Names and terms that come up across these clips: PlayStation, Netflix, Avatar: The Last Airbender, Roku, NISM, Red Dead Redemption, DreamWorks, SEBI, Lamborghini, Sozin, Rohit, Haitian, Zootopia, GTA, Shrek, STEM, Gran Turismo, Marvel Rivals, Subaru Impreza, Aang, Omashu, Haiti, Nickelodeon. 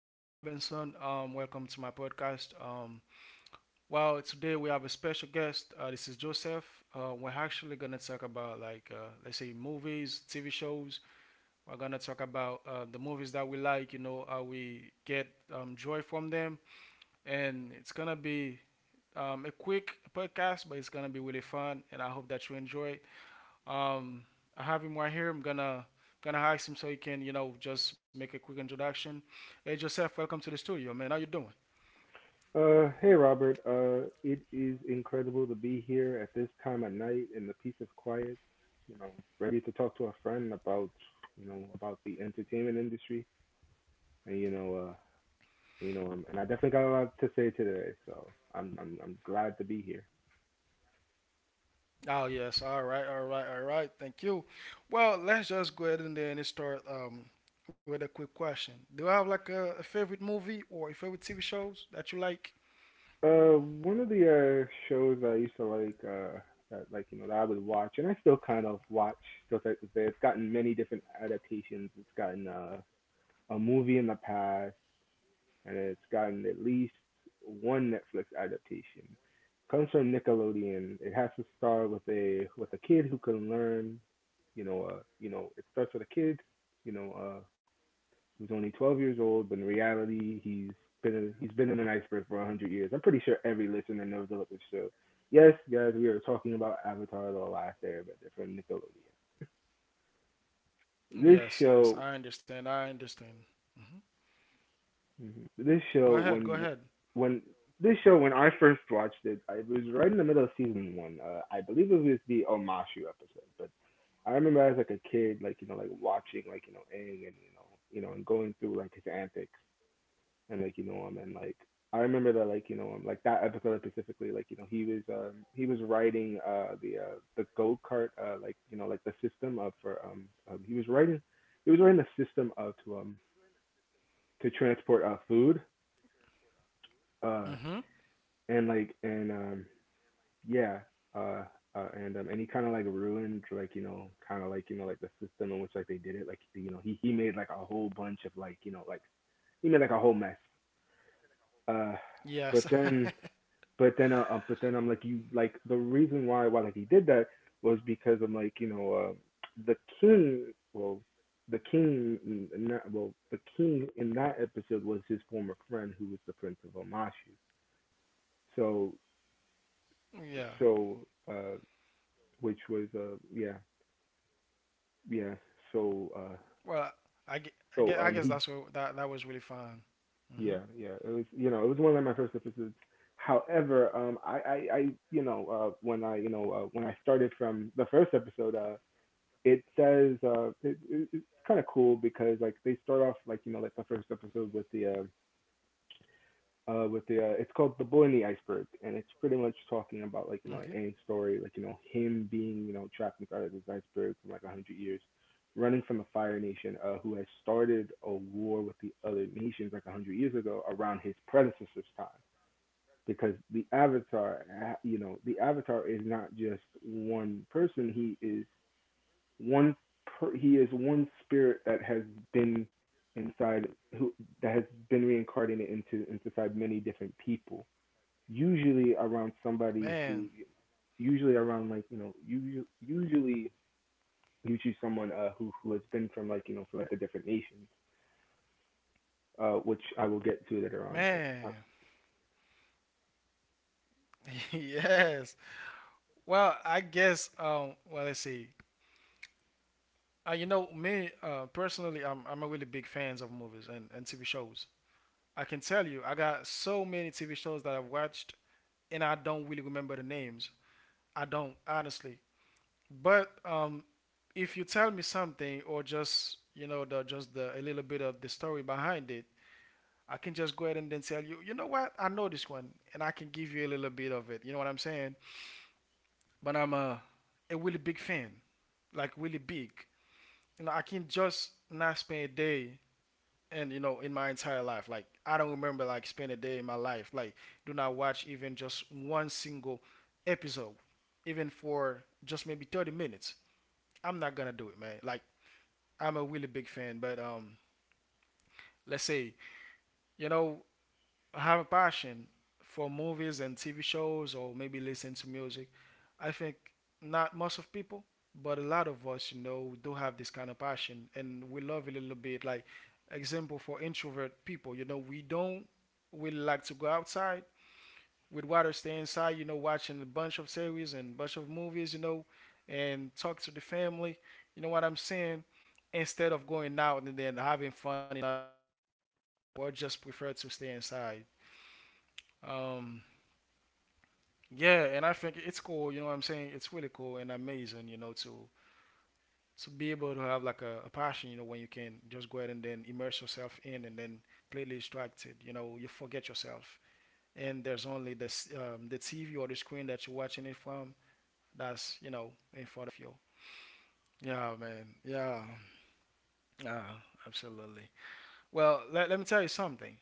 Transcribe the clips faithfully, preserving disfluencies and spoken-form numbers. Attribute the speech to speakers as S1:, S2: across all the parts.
S1: This is Robinson. Um, welcome to my podcast. Um, well, today we have a special guest. Uh, this is Joseph. Uh, we're actually gonna talk about like uh, let's say movies, T V shows. We're gonna talk about uh, the movies that we like. You know how we get um, joy from them, and it's gonna be um, a quick podcast, but it's gonna be really fun. And I hope that you enjoy. Um, I have him right here. I'm gonna gonna ask him so he can, you know, just make a quick introduction. Hey Joseph, welcome to the studio, man. How you doing?
S2: Uh, hey Robert. Uh, it is incredible to be here at this time of night in the peace of quiet. You know, Ready to talk to a friend about you know about the entertainment industry, and you know, uh, you know, um, and I definitely got a lot to say today. So I'm I'm I'm glad to be here.
S1: Oh yes, all right, all right, all right. Thank you. Well, let's just go ahead and then start um, with a quick question. Do I have like a, a favorite movie or a favorite T V shows that you like?
S2: Uh, one of the uh shows that I used to like, uh, that like you know that I would watch, and I still kind of watch stuff like this. It's gotten many different adaptations. It's gotten uh a movie in the past, and it's gotten at least one Netflix adaptation. Comes from Nickelodeon. It has to start with a with a kid who can learn. You know, uh, you know, it starts with a kid, You know, uh, who's only twelve years old, but in reality, he's been a, he's been in an iceberg for one hundred years. I'm pretty sure every listener knows about this show. Yes, guys, we are talking about Avatar: The Last Airbender from Nickelodeon. This
S1: Yes, yes,
S2: show
S1: I understand. I understand. hmm
S2: Mhm. This show
S1: Go ahead, go
S2: when
S1: ahead.
S2: when this show when I first watched it, I, it was right in the middle of season one. Uh, I believe it was the Omashu episode, but I remember as like a kid, like you know, like watching like you know Aang, and you know you know and going through like his antics, and like you know him, and like I remember that like you know um, like that episode specifically, like you know he was um he was riding uh the uh the go kart, uh like you know like the system of for um, um he was riding he was riding the system of to um to transport uh food, uh
S1: hmm
S2: and like and um yeah, uh, uh and um and he kind of like ruined, like you know kind of like you know like the system in which like they did it, like you know he he made like a whole bunch of like you know like he made like a whole mess, uh but
S1: Yes.
S2: then but then uh, uh but then I'm like you like the reason why why like he did that was because I'm like you know uh the king, well the king n- not, well the king in that episode was his former friend, who was the prince of Omashu. So
S1: Yeah.
S2: so uh which was uh yeah yeah so uh
S1: Well, I, gue- I,
S2: so
S1: gue- I
S2: um
S1: guess
S2: he
S1: that's what that that was really fun. hmm
S2: Yeah, yeah it was, you know, it was one of like my first episodes. However um i i, I you know, uh when i you know uh, when i started from the first episode, uh it says uh it, it, it's kind of cool, because like they start off, like you know like the first episode with the uh uh with the uh, it's called The Boy in the Iceberg, and it's pretty much
S1: Okay.
S2: talking about, like you know Aang's story, like you know him being, you know, trapped inside of this iceberg for like a hundred years, running from the Fire Nation, uh who has started a war with the other nations like a hundred years ago, around his predecessor's time. Because the avatar, uh, you know, the avatar is not just one person, he is one per, he is one spirit that has been inside, who that has been reincarnated into inside many different people, usually around
S1: Man,
S2: somebody who, usually around, like you know you usually, you choose someone uh who who has been from, like you know from like a different nation, uh which I will get to later on. But uh,
S1: man. Yes. Well, I guess um well let's see. Uh, you know me uh personally I'm I'm a really big fans of movies and, and T V shows. I can tell you I got so many T V shows that I've watched and I don't really remember the names. I don't honestly. But um if you tell me something or just you know the just the a little bit of the story behind it, I can just go ahead and then tell you, you know what? I know this one and I can give you a little bit of it. You know what I'm saying? But I'm a, a really big fan, like really big. You know, I can just not spend a day and you know in my entire life. Like I don't remember like spend a day in my life. Like do not watch even just one single episode, even for just maybe 30 minutes. I'm not gonna do it, man. Like I'm a really big fan, but um, let's say you know have a passion for movies and T V shows or maybe listen to music, I think not most of people, but a lot of us, you know, do have this kind of passion and we love it a little bit. Like example for introvert people, you know, we don't we like to go outside. We'd rather stay inside, you know, watching a bunch of series and bunch of movies, you know, and talk to the family. You know what I'm saying? Instead of going out and then having fun, you know, or just prefer to stay inside. Um, yeah, and I think it's cool. You know what I'm saying? It's really cool and amazing. You know, to to be able to have like a, a passion. You know, when you can just go ahead and then immerse yourself in and then completely distracted. You know, you forget yourself, and there's only this um, the T V or the screen that you're watching it from. That's you know in front of you. Yeah, man. Yeah. Yeah. Absolutely. Well, let, let me tell you something.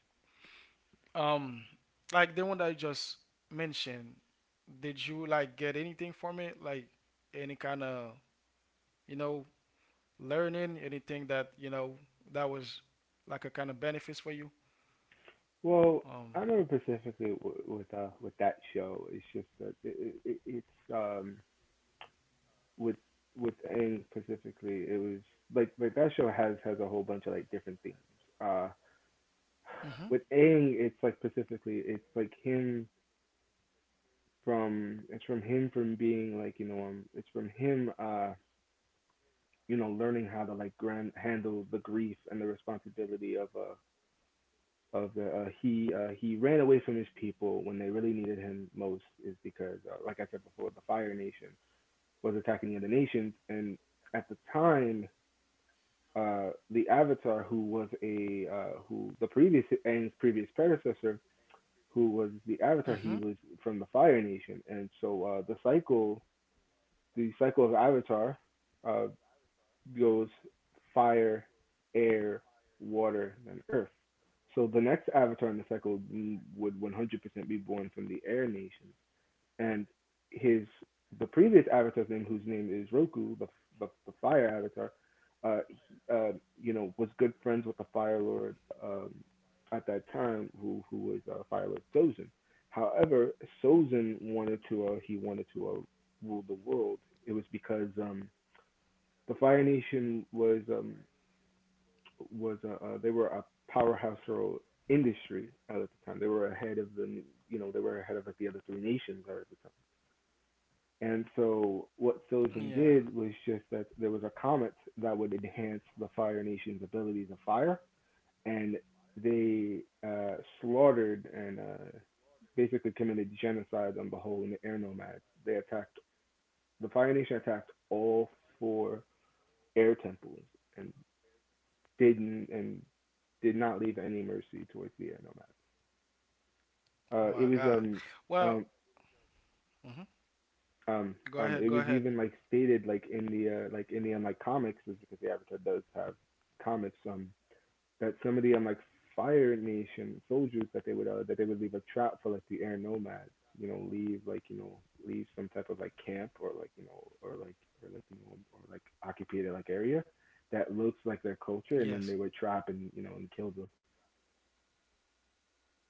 S1: Um, like the one that I just mentioned, did you like get anything from it? Like any kind of you know, learning anything that you know that was like a kind of benefits for you?
S2: well, I
S1: Um.
S2: remember specifically w- with uh with that show, it's just that it, it, it's um with with and specifically, it was like like that show has has a whole bunch of like different themes, uh with
S1: Mhm.
S2: Aang. It's like, specifically it's like him, from, it's from him, from being, like you know um it's from him, uh you know, learning how to like grand handle the grief and the responsibility of, uh of the uh, he, uh he ran away from his people when they really needed him most, is because, uh, like I said before, the Fire Nation was attacking the other nations, and at the time, uh the Avatar, who was a, uh who, the previous Aang's previous predecessor, who was the Avatar, he
S1: Mhm.
S2: was from the Fire Nation. And so, uh the cycle the cycle of Avatar, uh, goes fire, air, water, and earth. So the next Avatar in the cycle would one hundred percent be born from the air nations, and his the previous avatar's name, whose name is Roku, the, the, the fire avatar, uh, uh, you know, was good friends with the Fire Lord um, at that time, who who was, uh, Fire Lord Sozin. However, Sozin wanted to, uh, he wanted to, uh, rule the world. It was because, um, the Fire Nation was, um, was uh, uh, they were a powerhouse for industry at the time. They were ahead of the, you know, they were ahead of like the other three nations at the time. And so what Silson
S1: Yeah.
S2: did was, just that there was a comet that would enhance the Fire Nation's abilities of fire, and they, uh, slaughtered and, uh, basically committed genocide on the whole n- air nomads. They attacked, the Fire Nation attacked all four air temples, and didn't and did not leave any mercy towards the air nomads.
S1: Oh
S2: Uh,
S1: my
S2: it was,
S1: God.
S2: um
S1: Well.
S2: um
S1: Mhm.
S2: Um,
S1: Go
S2: um,
S1: ahead. Go
S2: it was
S1: ahead.
S2: even like stated like in the uh, like in the um, like comics, is because the Avatar does have comics, um that some of the um like Fire Nation soldiers, that they would, uh, that they would leave a trap for like the air nomads, you know, leave, like you know leave some type of like camp, or like you know or like, or like you know or like occupied like area that looks like their culture, and then they
S1: Yes.
S2: would trap and, you know, and kill them.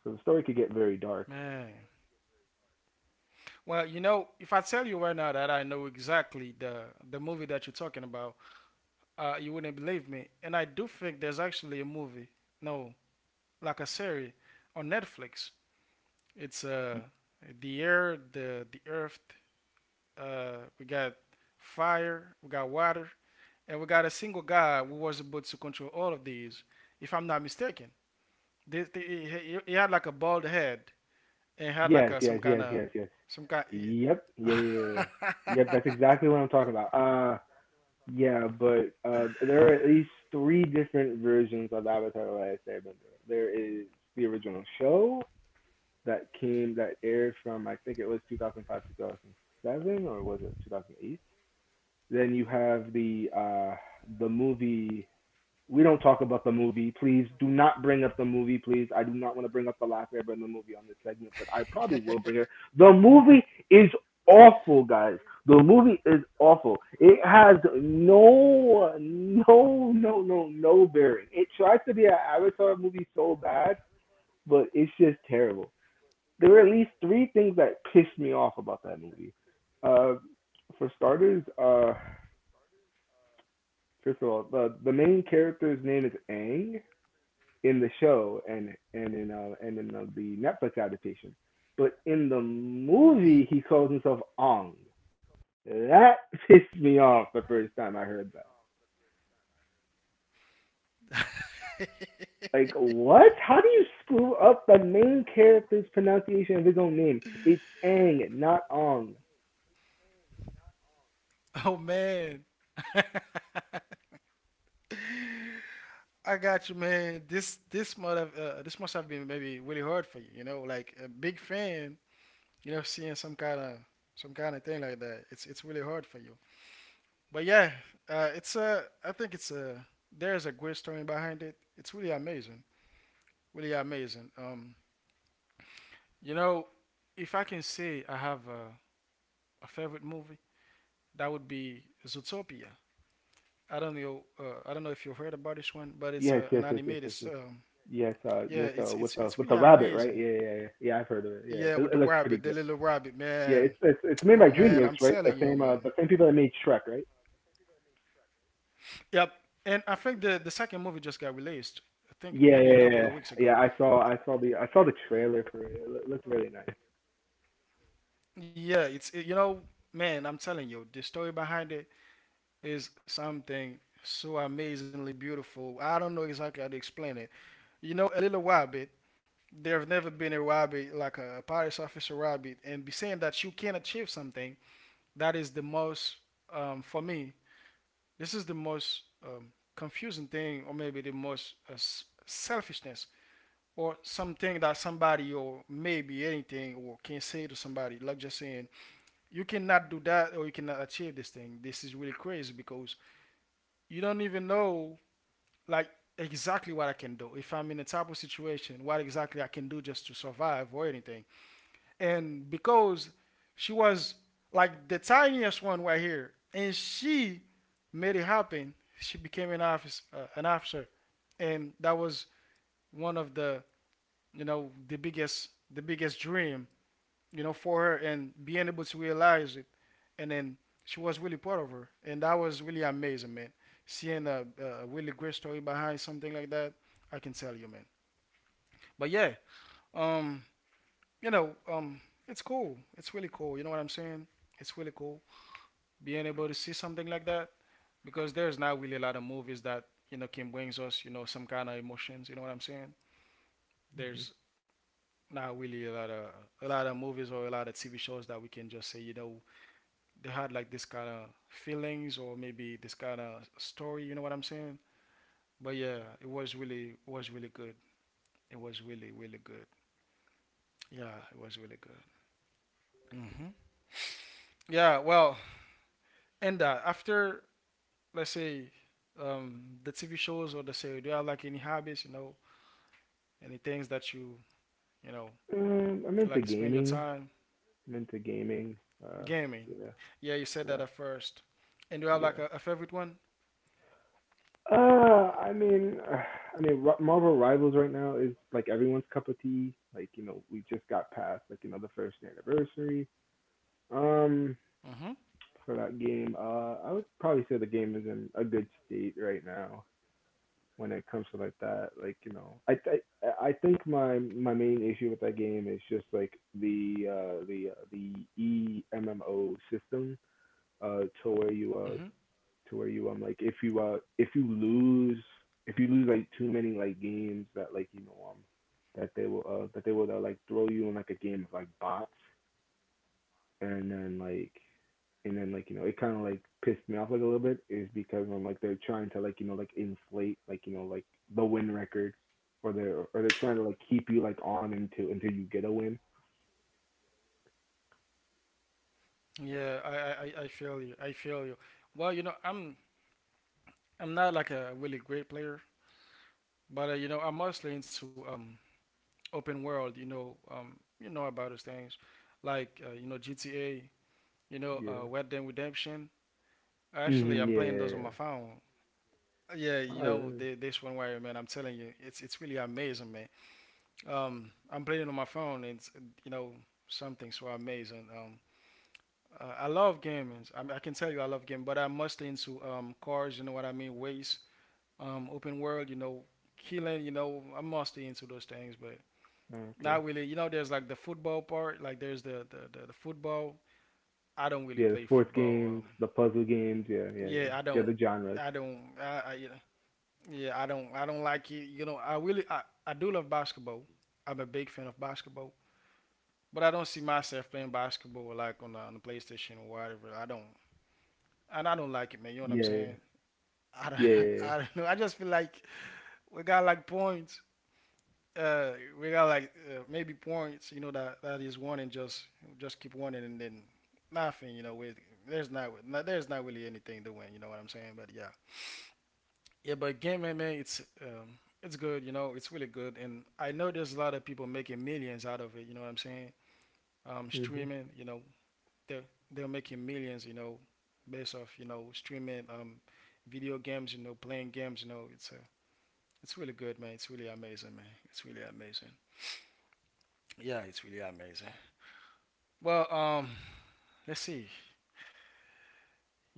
S2: So the story could get very dark.
S1: Man. Well, you know, if I tell you right now that I know exactly the the movie that you're talking about, uh, you wouldn't believe me. And I do think there's actually a movie, no, like a series on Netflix. It's uh, the air, the the earth, uh, we got fire, we got water, and we got a single guy who was able to control all of these. If I'm not mistaken, This- the- he, he had like a bald head and had like
S2: Yes,
S1: a,
S2: yes,
S1: some kind
S2: yes,
S1: of
S2: yes, yes.
S1: some kind.
S2: Yep. Yeah, yeah, yeah, yeah. Yep, that's exactly what I'm talking about. Uh yeah, but uh there are at least three different versions of Avatar: The Last Airbender. There is the original show that came, that aired from, I think it was two thousand five, two thousand seven, or was it two thousand eight? Then you have the, uh the movie. We don't talk about the movie. Please do not bring up the movie, please. I do not want to bring up the last airbender movie on this segment, but I probably will bring it. The movie is awful, guys. The movie is awful. It has no, no, no, no, no bearing. It tries to be an Avatar movie so bad, but it's just terrible. There were at least three things that pissed me off about that movie. Uh, for starters, uh, first of all, the the main character's name is Aang, in the show, and and in uh, and in uh, the Netflix adaptation. But in the movie, he calls himself Ong. That pissed me off the first time I heard that. Like, what? How do you screw up the main character's pronunciation of his own name? It's Ang, not Ong.
S1: Oh man, I got you, man. This this must have uh, this must have been maybe really hard for you. You know, like a big fan you know, seeing some kind of some kind of thing like that, it's it's really hard for you. But yeah, uh, it's a I think it's a there's a great story behind it. It's really amazing, really amazing. Um, you know, if I can say I have a, a favorite movie, that would be Zootopia. I don't know, uh, I don't know if you've heard about this one, but it's
S2: Yes,
S1: a,
S2: yes,
S1: an
S2: yes, yes,
S1: animated.
S2: yes, yes.
S1: Um,
S2: Yes, uh,
S1: yeah,
S2: yes,
S1: it's
S2: uh, with
S1: it's
S2: the
S1: it's
S2: with
S1: really
S2: the rabbit, right?
S1: amazing.
S2: Yeah, yeah, yeah. Yeah, I've heard of it. Yeah,
S1: Yeah,
S2: it,
S1: with
S2: it
S1: the
S2: looks pretty
S1: rabbit, the
S2: good.
S1: little rabbit,
S2: Yeah,
S1: man.
S2: it's it's it's made
S1: Oh
S2: by
S1: man, I'm
S2: DreamWorks, right? The
S1: telling you,
S2: same, uh,
S1: man.
S2: the same people that made Shrek, right?
S1: Yep. And I think the the second movie just got released. I think
S2: Yeah,
S1: maybe
S2: yeah,
S1: a
S2: yeah,
S1: couple
S2: yeah.
S1: of weeks ago.
S2: Yeah, I saw,
S1: Uh,
S2: I saw the, I saw the trailer for it. It loo- looked really nice.
S1: Yeah, it's it- you know, man, I'm telling you, the story behind it is something so amazingly beautiful. I don't know exactly how to explain it. You know, a little rabbit. There have never been a rabbit like a police officer rabbit, and be saying that you can achieve something. That is the most, um, for me, this is the most um, confusing thing, or maybe the most uh, s- selfishness or something that somebody or maybe anything or can say to somebody like just saying you cannot do that or you cannot achieve this thing. This is really crazy because you don't even know like exactly what I can do if I'm in a type of situation, what exactly I can do just to survive or anything. And because she was like the tiniest one right here and she made it happen. She became an office uh, an officer and that was one of the you know the biggest the biggest dream you know for her and being able to realize it. And then she was really proud of her and that was really amazing, man. Seeing a, a really great story behind something like that, I can tell you man. But yeah, um you know, um it's cool, it's really cool, you know what I'm saying. It's really cool being able to see something like that because there's not really a lot of movies that you know can brings us you know some kind of emotions, you know what I'm saying.
S2: Hmm.
S1: There's not really a lot of a lot of movies or a lot of T V shows that we can just say, you know, they had like this kind of feelings or maybe this kind of story. You know what I'm saying? But yeah, it was really it was really good. It was really really good. Yeah, it was really good. hmm Yeah, well, and uh, after let's say um, the T V shows or the say, do you have like any hobbies? You know, any things that you you know
S2: Um, I'm into
S1: like to spend your
S2: gaming.
S1: time
S2: I'm into gaming. Uh,
S1: gaming?
S2: yeah,
S1: Yeah, you said that at
S2: yeah,
S1: first. And do you have like a, a
S2: yeah.
S1: favorite one?
S2: Uh, I mean, uh, I mean, Ri- Marvel Rivals right now is like everyone's cup of tea. Like, you know, we just got past, like you know the first anniversary.
S1: Mm-hmm.
S2: Um, for that game, uh, I would probably say the game is in a good state right now, when it comes to like that. Like, you know, I I I think my my main issue with that game is just like the uh the uh, the E M M O system,
S1: hmm
S2: uh to where you, uh to where you, um like if you, uh if you lose, if you lose like too many like games, that like you know um that they will, uh that they will, uh, like throw you in like a game of like bots, and then like, and then like, you know, it kind of like pissed me off like a little bit, is because I'm like, they're trying to like, you know, like inflate, like you know like the win record, or they're or they're trying to like keep you like on until until you get a win.
S1: Yeah, I, I, I I feel you. I feel you. Well, you know, I'm I'm not like a really great player, but uh, you know, I'm mostly into um open world. You know, um, you know about those things, like uh, you know G T A. You know, uh,
S2: Yeah.
S1: Red Dead Redemption. Actually,
S2: Hmm.
S1: I'm
S2: Yeah,
S1: playing
S2: yeah,
S1: those on my
S2: yeah.
S1: phone. Uh, Yeah,
S2: Oh,
S1: you know,
S2: really?
S1: the, this one where man, I'm telling you, it's it's really amazing, man. Um, I'm playing it on my phone, and it's, you know, something so amazing. Um, Uh, I love gaming. I, I can tell you I love gaming, but I'm mostly into um, cars. You know what I mean? Ways, um, open world. You know, killing. You know, I'm mostly into those things, but
S2: Oh, okay.
S1: not really. You know, there's like the football part. Like there's the the, the, the football. I don't really
S2: Yeah, the
S1: play
S2: sports
S1: football.
S2: games,
S1: Um,
S2: the puzzle games. Yeah, yeah, yeah.
S1: yeah, I
S2: Yeah,
S1: don't.
S2: the genres.
S1: I don't. I, I, yeah, yeah, I don't. I don't like it. You know, I really. I, I do love basketball. I'm a big fan of basketball, but I don't see myself playing basketball like on the, on the PlayStation or whatever. I don't. And I don't like it, man. You know what I'm
S2: Yeah,
S1: saying? I
S2: yeah,
S1: don't,
S2: yeah, yeah.
S1: I don't know. I just feel like we got like points. Uh, we got like uh, maybe points. You know that that is one and just just keep winning and then nothing. You know, with there's not, there's not really anything to win. You know what I'm saying? But yeah, yeah. But game man, man, it's um, it's good. You know, it's really good. And I know there's a lot of people making millions out of it. You know what I'm saying? Um,
S2: Mhm.
S1: streaming. You know, they're they're making millions. You know, based off you know streaming um, video games. You know, playing games. You know, it's a uh, It's really good, man. It's really amazing, man. It's really amazing. Yeah, it's really amazing. Well, um, let's see.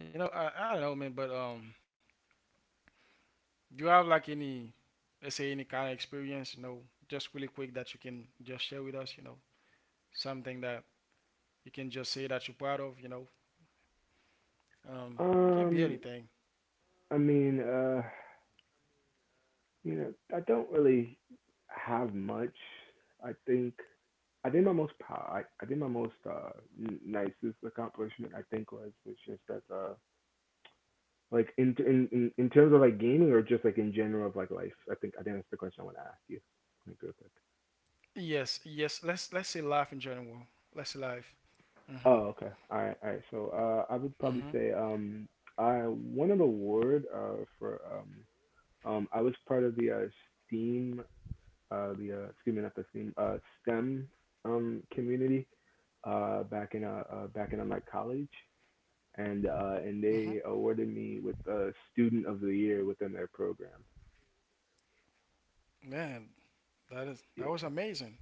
S1: You know, I, I don't know, man, but um, do you have like any, let's say, any kind of experience, you know, just really quick that you can just share with us, you know, something that you can just say that you're proud of, you know, um, can be
S2: Um,
S1: anything.
S2: I mean, uh, you know, I don't really have much. I think I did my most pow- I, I did my most uh n- nicest accomplishment I think was was just that uh like in in in in terms of like gaming or just like in general of like life. I think I think that's the question I want to ask you. Like real quick.
S1: Yes, yes. Let's let's say life in general. Let's say life. Mhm,
S2: Oh, okay. All right, all right. So uh I would probably
S1: mhm,
S2: say um I won an award uh for um um I was part of the uh STEAM, uh the uh excuse me, not the STEAM, uh STEM um community uh back in uh, uh back in uh, my college, and uh and
S1: mhm.
S2: they awarded me with a student of the year within their program.
S1: Man, that is that
S2: Yeah.
S1: was amazing.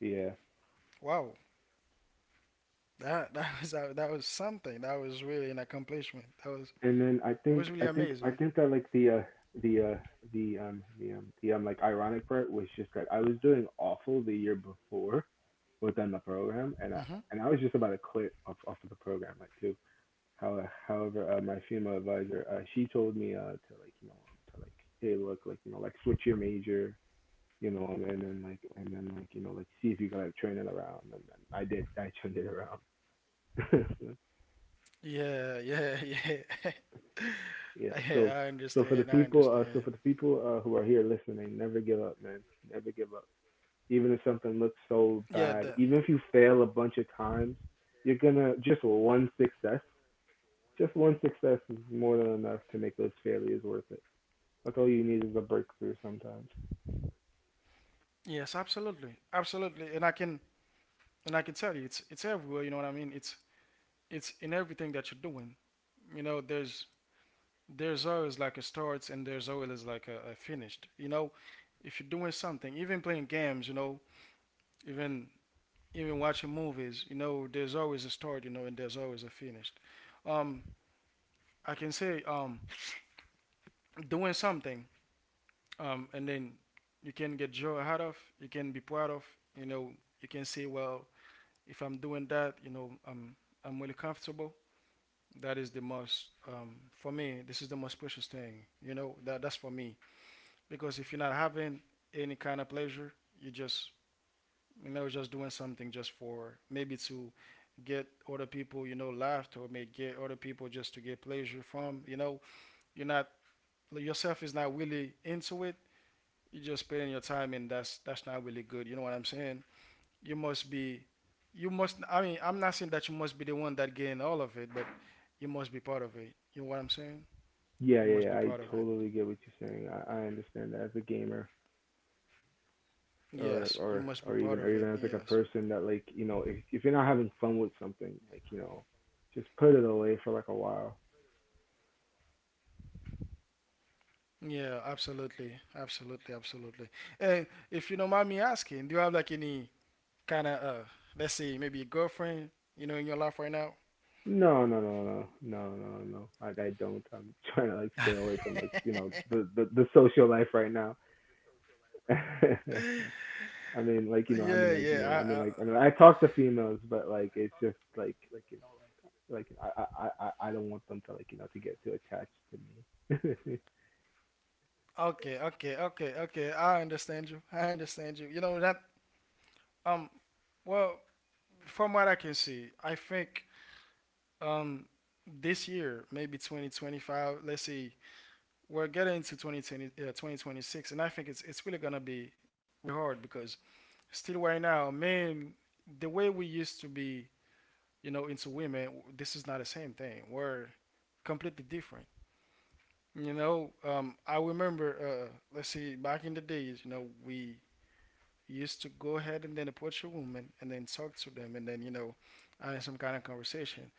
S2: Yeah.
S1: Wow, that that was that was something. That was really an accomplishment. That was
S2: And then I
S1: it
S2: think
S1: was really
S2: I think I
S1: amazing.
S2: think that like the uh the uh the um the um the um like ironic part was just that I was doing awful the year before within the program, and I
S1: Hmm.
S2: and I was just about to quit off off of the program like too. How, however, uh, my female advisor, uh, she told me uh, to like you know um, to like, hey look, like you know like, switch your major, you know, and, and then like, and then like, you know, like, see if you can like turn it around. and, and I did. I turned it around.
S1: Yeah, yeah, yeah.
S2: Yeah. So
S1: Yeah, I
S2: so for the
S1: understand. I
S2: people, uh, so for
S1: understand.
S2: the people uh, who are here listening, never give up, man. Never give up. Even if something looks so
S1: Yeah,
S2: bad,
S1: the,
S2: even if you fail a bunch of times, you're gonna just one success. Just one success is more than enough to make those failures worth it. That's all you need is a breakthrough sometimes.
S1: yes, absolutely, absolutely. And I can and I can tell you, it's it's everywhere. You know what I mean? It's it's in everything that you're doing. You know, there's there's always like a start and there's always like a, a finished. You know, if you're doing something, even playing games, you know, even even watching movies, you know, there's always a start, you know, and there's always a finish. Um, I can say um, doing something, um, and then you can get joy out of, you can be proud of, you know, you can say, well, if I'm doing that, you know, I'm I'm really comfortable. That is the most um, for me. This is the most precious thing, you know. That that's for me because if you're not having any kind of pleasure, you just, you know, just doing something just for maybe to get other people, you know, laughed or may get other people just to get pleasure from. You know, you're not yourself is not really into it. You're just spending your time, and that's that's not really good. You know what I'm saying? You must be, you must. I mean, I'm not saying that you must be the one that gain all of it, but you must be part of it. You know what I'm saying?
S2: Yeah,
S1: You
S2: yeah,
S1: must be
S2: yeah. I
S1: part of it.
S2: totally get what you're saying. I, I understand that as a gamer. or
S1: Yes, you
S2: or
S1: must be
S2: or
S1: part
S2: even or
S1: of it.
S2: even as like a
S1: Yes.
S2: person that, like, you know, if, if you're not having fun with something, like, you know, just put it away for like a while.
S1: Yeah, absolutely, absolutely, absolutely. And if you don't mind me asking, do you have like any kind of, uh, let's see, maybe a girlfriend, you know, in your life right now?
S2: No, no, no, no, no, no, no, like I don't. I'm trying to like stay away from like, you know, the the, the social life right now. I mean, like, you know, i
S1: Yeah,
S2: mean like you know i mean
S1: yeah.
S2: like I mean, I talk to females, but like it's just like like you know, like I i i, I don't want them to like, you know, to get too attached to me.
S1: I, I, okay, okay, okay, okay. I understand you. I understand you. You know that. Um, well, from what I can see, I think um this year, maybe twenty twenty-five. Let's see, we're getting into twenty twenty, uh, twenty twenty-six, and I think it's it's really gonna be hard because still right now, men, the way we used to be, you know, into women, this is not the same thing. We're completely different. You know, um, I remember, uh, let's see, back in the days, you know, we used to go ahead and then approach a woman and then talk to them and then, you know, have some kind of conversation.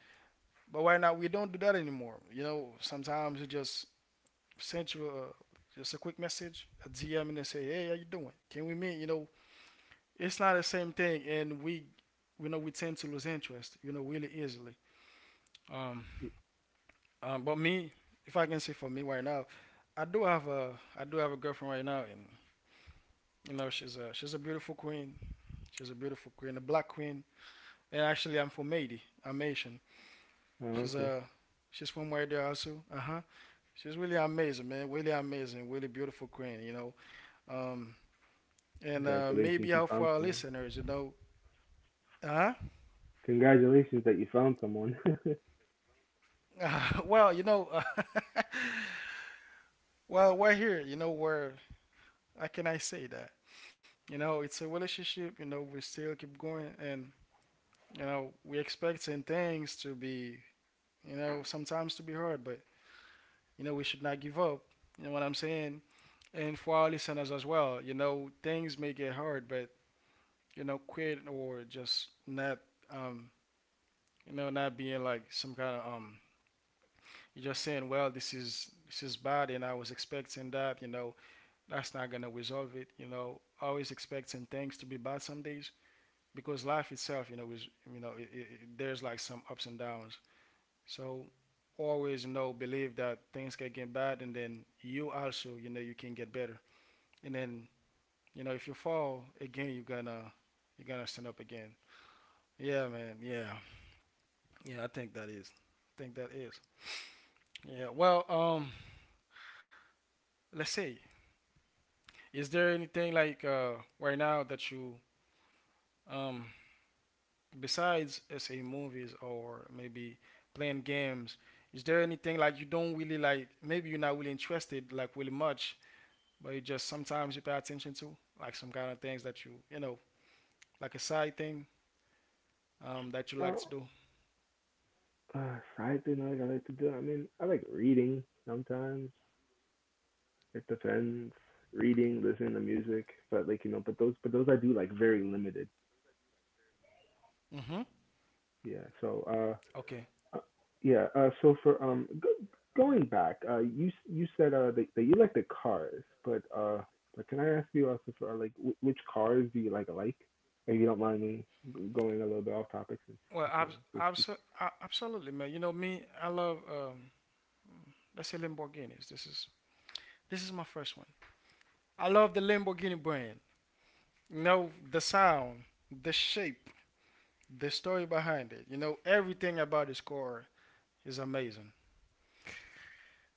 S1: But right now, we don't do that anymore. You know, sometimes you just send you a, just a quick message, a D M, and they say, hey, how you doing? Can we meet? You know, it's not the same thing, and we we know we tend to lose interest, you know, really easily. Um, um, but me, if I can say for me right now, I do have a I do have a girlfriend right now, and you know she's a she's a beautiful queen. She's a beautiful queen, a black queen. And actually, I'm from Haiti. I'm Haitian.
S2: Oh,
S1: She's
S2: okay.
S1: a she's from where there also. Uh huh. She's really amazing, man. Really amazing. Really beautiful queen. You know. Um, and uh,
S2: Congratulations,
S1: maybe
S2: you
S1: out
S2: found
S1: for our
S2: someone.
S1: listeners, you know. Uh
S2: Congratulations that you found someone.
S1: huh. Well, you know. Well, we're here, you know, where how can I say that? You know, it's a relationship, you know, we still keep going and you know, we expecting things to be you know, sometimes to be hard, but you know, we should not give up. You know what I'm saying? And for our listeners as well, you know, things may get hard, but you know, quit or just not um you know, not being like some kind of um you're just saying, well, this is this is bad and I was expecting that, you know, that's not gonna resolve it. You know, always expecting things to be bad some days because life itself, you know, is you know, it, it, there's like some ups and downs. So always, you know, believe that things can get bad, and then you also, you know, you can get better. And then, you know, if you fall again, you're gonna you're gonna stand up again. Yeah, man. Yeah, yeah. I think that is. I think that is. Yeah. Well, um, let's see. Is there anything like uh right now that you um besides say movies or maybe playing games is there anything like you don't really like maybe you're not really interested like really much but you just sometimes you pay attention to like some kind of things that you you know like a side thing um, that you like
S2: Well,
S1: to do.
S2: uh, side thing like I like to do. I mean, I like reading sometimes. It depends. Reading, listening to music, but like, you know, but those, but those I do like very limited.
S1: Mm-hmm.
S2: Yeah. So, uh,
S1: Okay,
S2: uh, yeah. Uh, so for um, go, going back, uh, you s- you said uh that, that you like the cars, but uh, but can I ask you also for uh, like wh- which cars do you like like? If you don't mind me g- going a little bit off topic, since
S1: well
S2: like, you know,
S1: abs-
S2: it's, it's
S1: abs absolutely, man. You know me, I love um, let's say Lamborghinis. This is this is my first one. I love the Lamborghini brand. You know the sound, the shape, the story behind it. You know, everything about this car is amazing.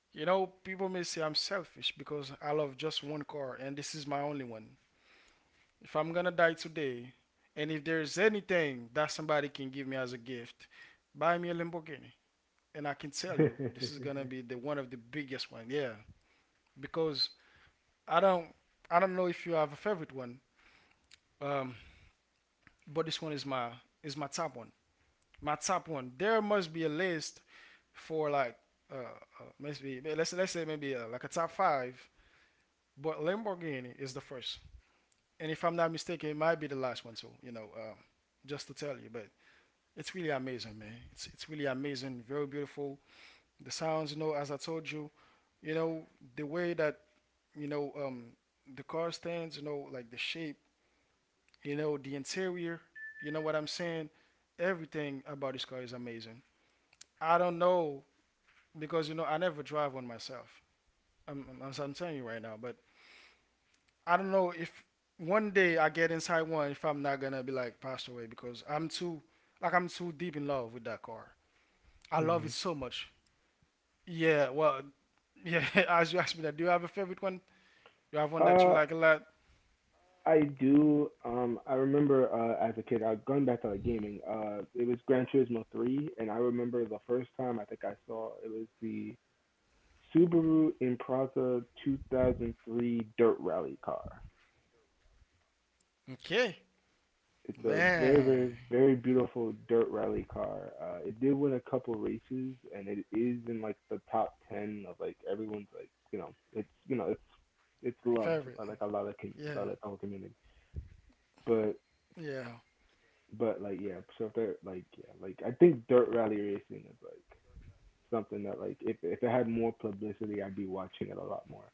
S1: You know, people may say I'm selfish because I love just one car and this is my only one. If I'm gonna die today, and if there's anything that somebody can give me as a gift, buy me a Lamborghini. And I can tell you, this is gonna be the one of the biggest one. Yeah, because I don't, I don't know if you have a favorite one, um, but this one is my is my top one. My top one. There must be a list for like uh, uh maybe let's let's say maybe uh, like a top five, but Lamborghini is the first, and if I'm not mistaken, it might be the last one too. You know, um, just to tell you, but it's really amazing, man. It's it's really amazing, very beautiful. The sounds, you know, as I told you, you know, the way that you know um the car stands, you know, like the shape, you know, the interior, you know what I'm saying. Everything about this car is amazing. I don't know because you know I never drive one myself. I'm, I'm, I'm telling you right now, but I don't know if one day I get inside one if I'm not gonna be like passed away because I'm too like I'm too deep in love with that car. I love
S2: Mhm.
S1: it so much. Yeah, well, yeah. As you asked me that, do you have a favorite one? You have one that you
S2: Uh,
S1: like a lot?
S2: I do. Um, I remember uh, as a kid, uh, going back to like gaming. Uh, it was Gran Turismo three, and I remember the first time I think I saw it was the Subaru Impreza two thousand three dirt rally car.
S1: Okay,
S2: It's a very, very,
S1: man,
S2: very beautiful dirt rally car. Uh, it did win a couple races, and it is in like the top ten of like everyone's, like, you know, it's you know it's it's loved by
S1: favorite.
S2: like a lot of com- by
S1: Yeah,
S2: like the whole community. But
S1: yeah,
S2: But like, yeah, so if they're like, yeah, like I think dirt rally racing is like something that like if if it had more publicity, I'd be watching it a lot more.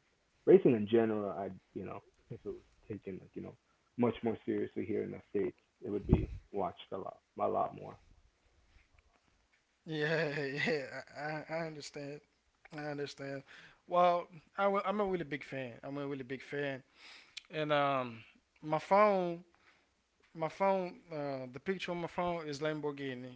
S2: Racing in general, I'd, you know, if it was taken like, you know, much more seriously here in the states, it would be watched a lot a lot more.
S1: yeah, yeah. I, I, I understand. I understand. Well, I am a really big fan. I'm a really big fan and um, my phone, my phone, uh, the picture on my phone is Lamborghini.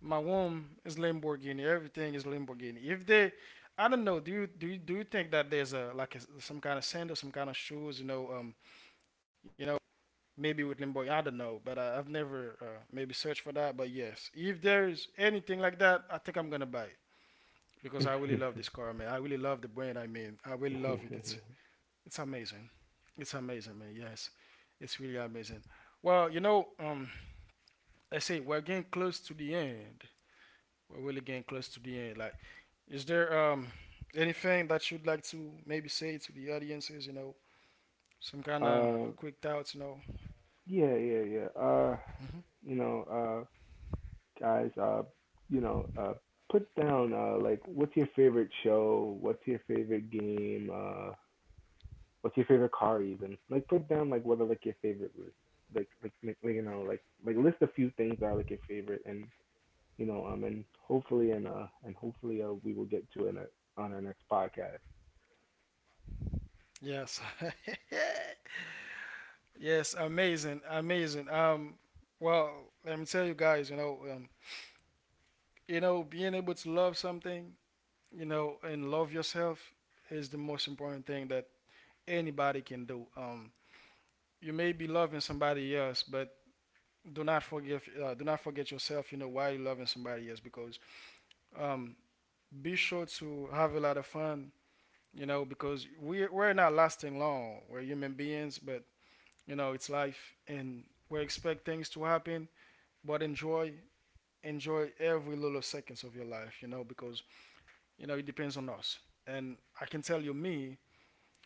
S1: My womb is Lamborghini. Everything is Lamborghini. If they, I don't know. Do you do you, do you think that there's a like a, some kind of sandal, some kind of shoes? You know, um, you know, maybe with Lamborghini. I don't know, but I, I've never uh, maybe searched for that. But yes, if there's anything like that, I think I'm gonna buy it because I really love this car, man. I really love the brand. I mean, I really love it. It's It's amazing. It's amazing, man. Yes, it's really amazing. Well, you know, um, I say we're getting close to the end. We're really getting close to the end. Like, is there um anything that you'd like to maybe say to the audiences? You know, some kind of
S2: uh
S1: quick thoughts. You know.
S2: yeah yeah yeah uh
S1: Hmm.
S2: You know, uh guys, uh you know, uh put down uh like what's your favorite show, what's your favorite game, uh what's your favorite car even? Like put down like what are like your favorite list. Like like like like, you know, like like list a few things that are like your favorite, and you know, um and hopefully and uh and hopefully uh we will get to it uh, on our next podcast.
S1: Yes. Yes. Amazing. Amazing. Um. Well, let me tell you guys. You know. Um. You know, being able to love something. You know, and love yourself is the most important thing that anybody can do. Um, you may be loving somebody else, but do not forgive. Uh, do not forget yourself. You know why you're loving somebody else because um, be sure to have a lot of fun. You know because we're we're not lasting long. We're human beings, but you know it's life, and we expect things to happen. But enjoy enjoy every little seconds of your life. You know because you know it depends on us. And I can tell you, me,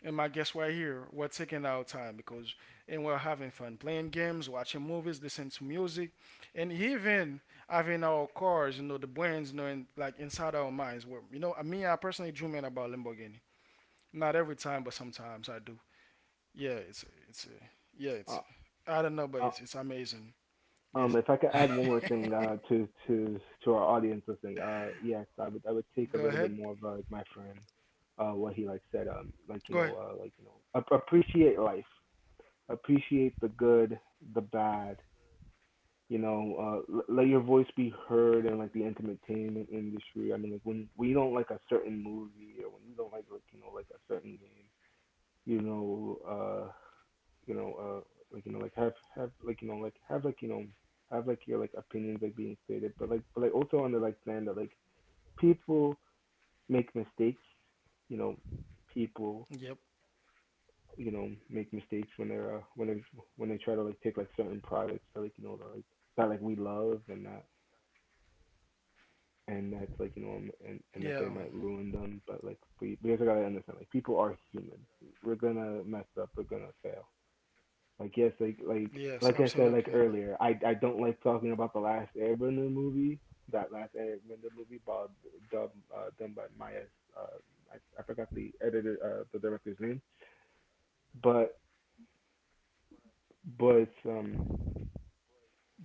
S1: and my guests right here, we're taking our time because and we're having fun playing games, watching movies, listening to music, and even having our cars, you know, the brains, you know, in, like inside our minds. Where you know, I mean, I personally dream in about Lamborghini. Not every time, but sometimes I do. Yeah, it's it's yeah,
S2: Uh,
S1: it's I don't know,
S2: uh,
S1: but it's it's amazing.
S2: um,
S1: Yes.
S2: if I could add one more thing uh, to to to our audience listening, uh, yes, I would I would take a
S1: Go
S2: little bit
S1: ahead.
S2: more of uh, like my friend, uh, what he like said, um, like, you
S1: Go
S2: know,
S1: ahead.
S2: uh, like, you know, ap- appreciate life, appreciate the good, the bad, you know, uh, l- let your voice be heard in like the entertainment industry. I mean, like, when when you don't like a certain movie, or when you don't like like you know, like a certain game, you know, uh, you know, uh, like, you know, like have have like you know like have like, you know, have like your like opinions like being stated, but like, but like, also on the like plan that like people make mistakes, you know, people,
S1: Yep.
S2: you know, make mistakes when they're uh, when they, when they try to like take like certain products that like, you know, that, like that like we love, and that and that's like, you know, um, and and that they
S1: Yeah.
S2: might
S1: Um.
S2: ruin them, but like we we also gotta understand like people are human. We're gonna mess up, we're gonna fail. Like, yes, like, like
S1: Yes.
S2: like I said, like,
S1: Absolutely.
S2: earlier, i i don't like talking about The Last Airbender movie. That Last Airbender movie bob dub uh done by Maya. Uh, I, I forgot the editor, uh the director's name, but but um,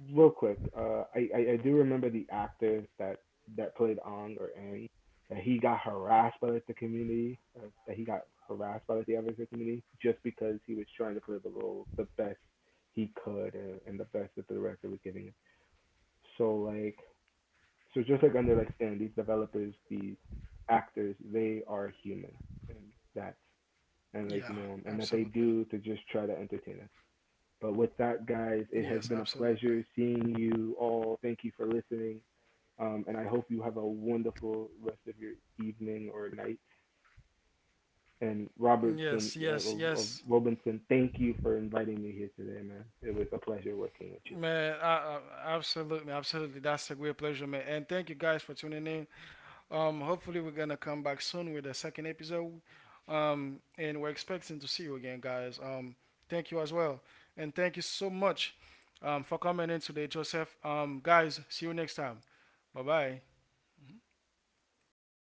S2: real quick, uh, I, I I do remember the actor that that played Ong or Ang, that he got harassed by like the community, uh, that he got harassed by like the African community, just because he was trying to play the role the best he could, and, and the best that the director was giving him. So like, so just like under like Stan, these developers, these actors, they are human, and that's, and like, you
S1: Yeah.
S2: know, um, and that they
S1: Absolutely.
S2: do to just try to entertain us. But with that, guys, it has been
S1: Yes.
S2: a pleasure
S1: Absolutely.
S2: seeing you all. Thank you for listening. Um, and I hope you have a wonderful rest of your evening or night. And Robertson
S1: Yes,
S2: uh, or,
S1: yes,
S2: or
S1: yes,
S2: Robinson, thank you for inviting me here today, man. It was a pleasure working with you.
S1: man. I, I, absolutely, absolutely. That's a great pleasure, man. And thank you guys for tuning in. Um, hopefully we're gonna come back soon with a second episode. Um, and we're expecting to see you again, guys. Um, thank you as well, and thank you so much, um, for coming in today, Joseph. Um, guys, see you next time. Bye bye.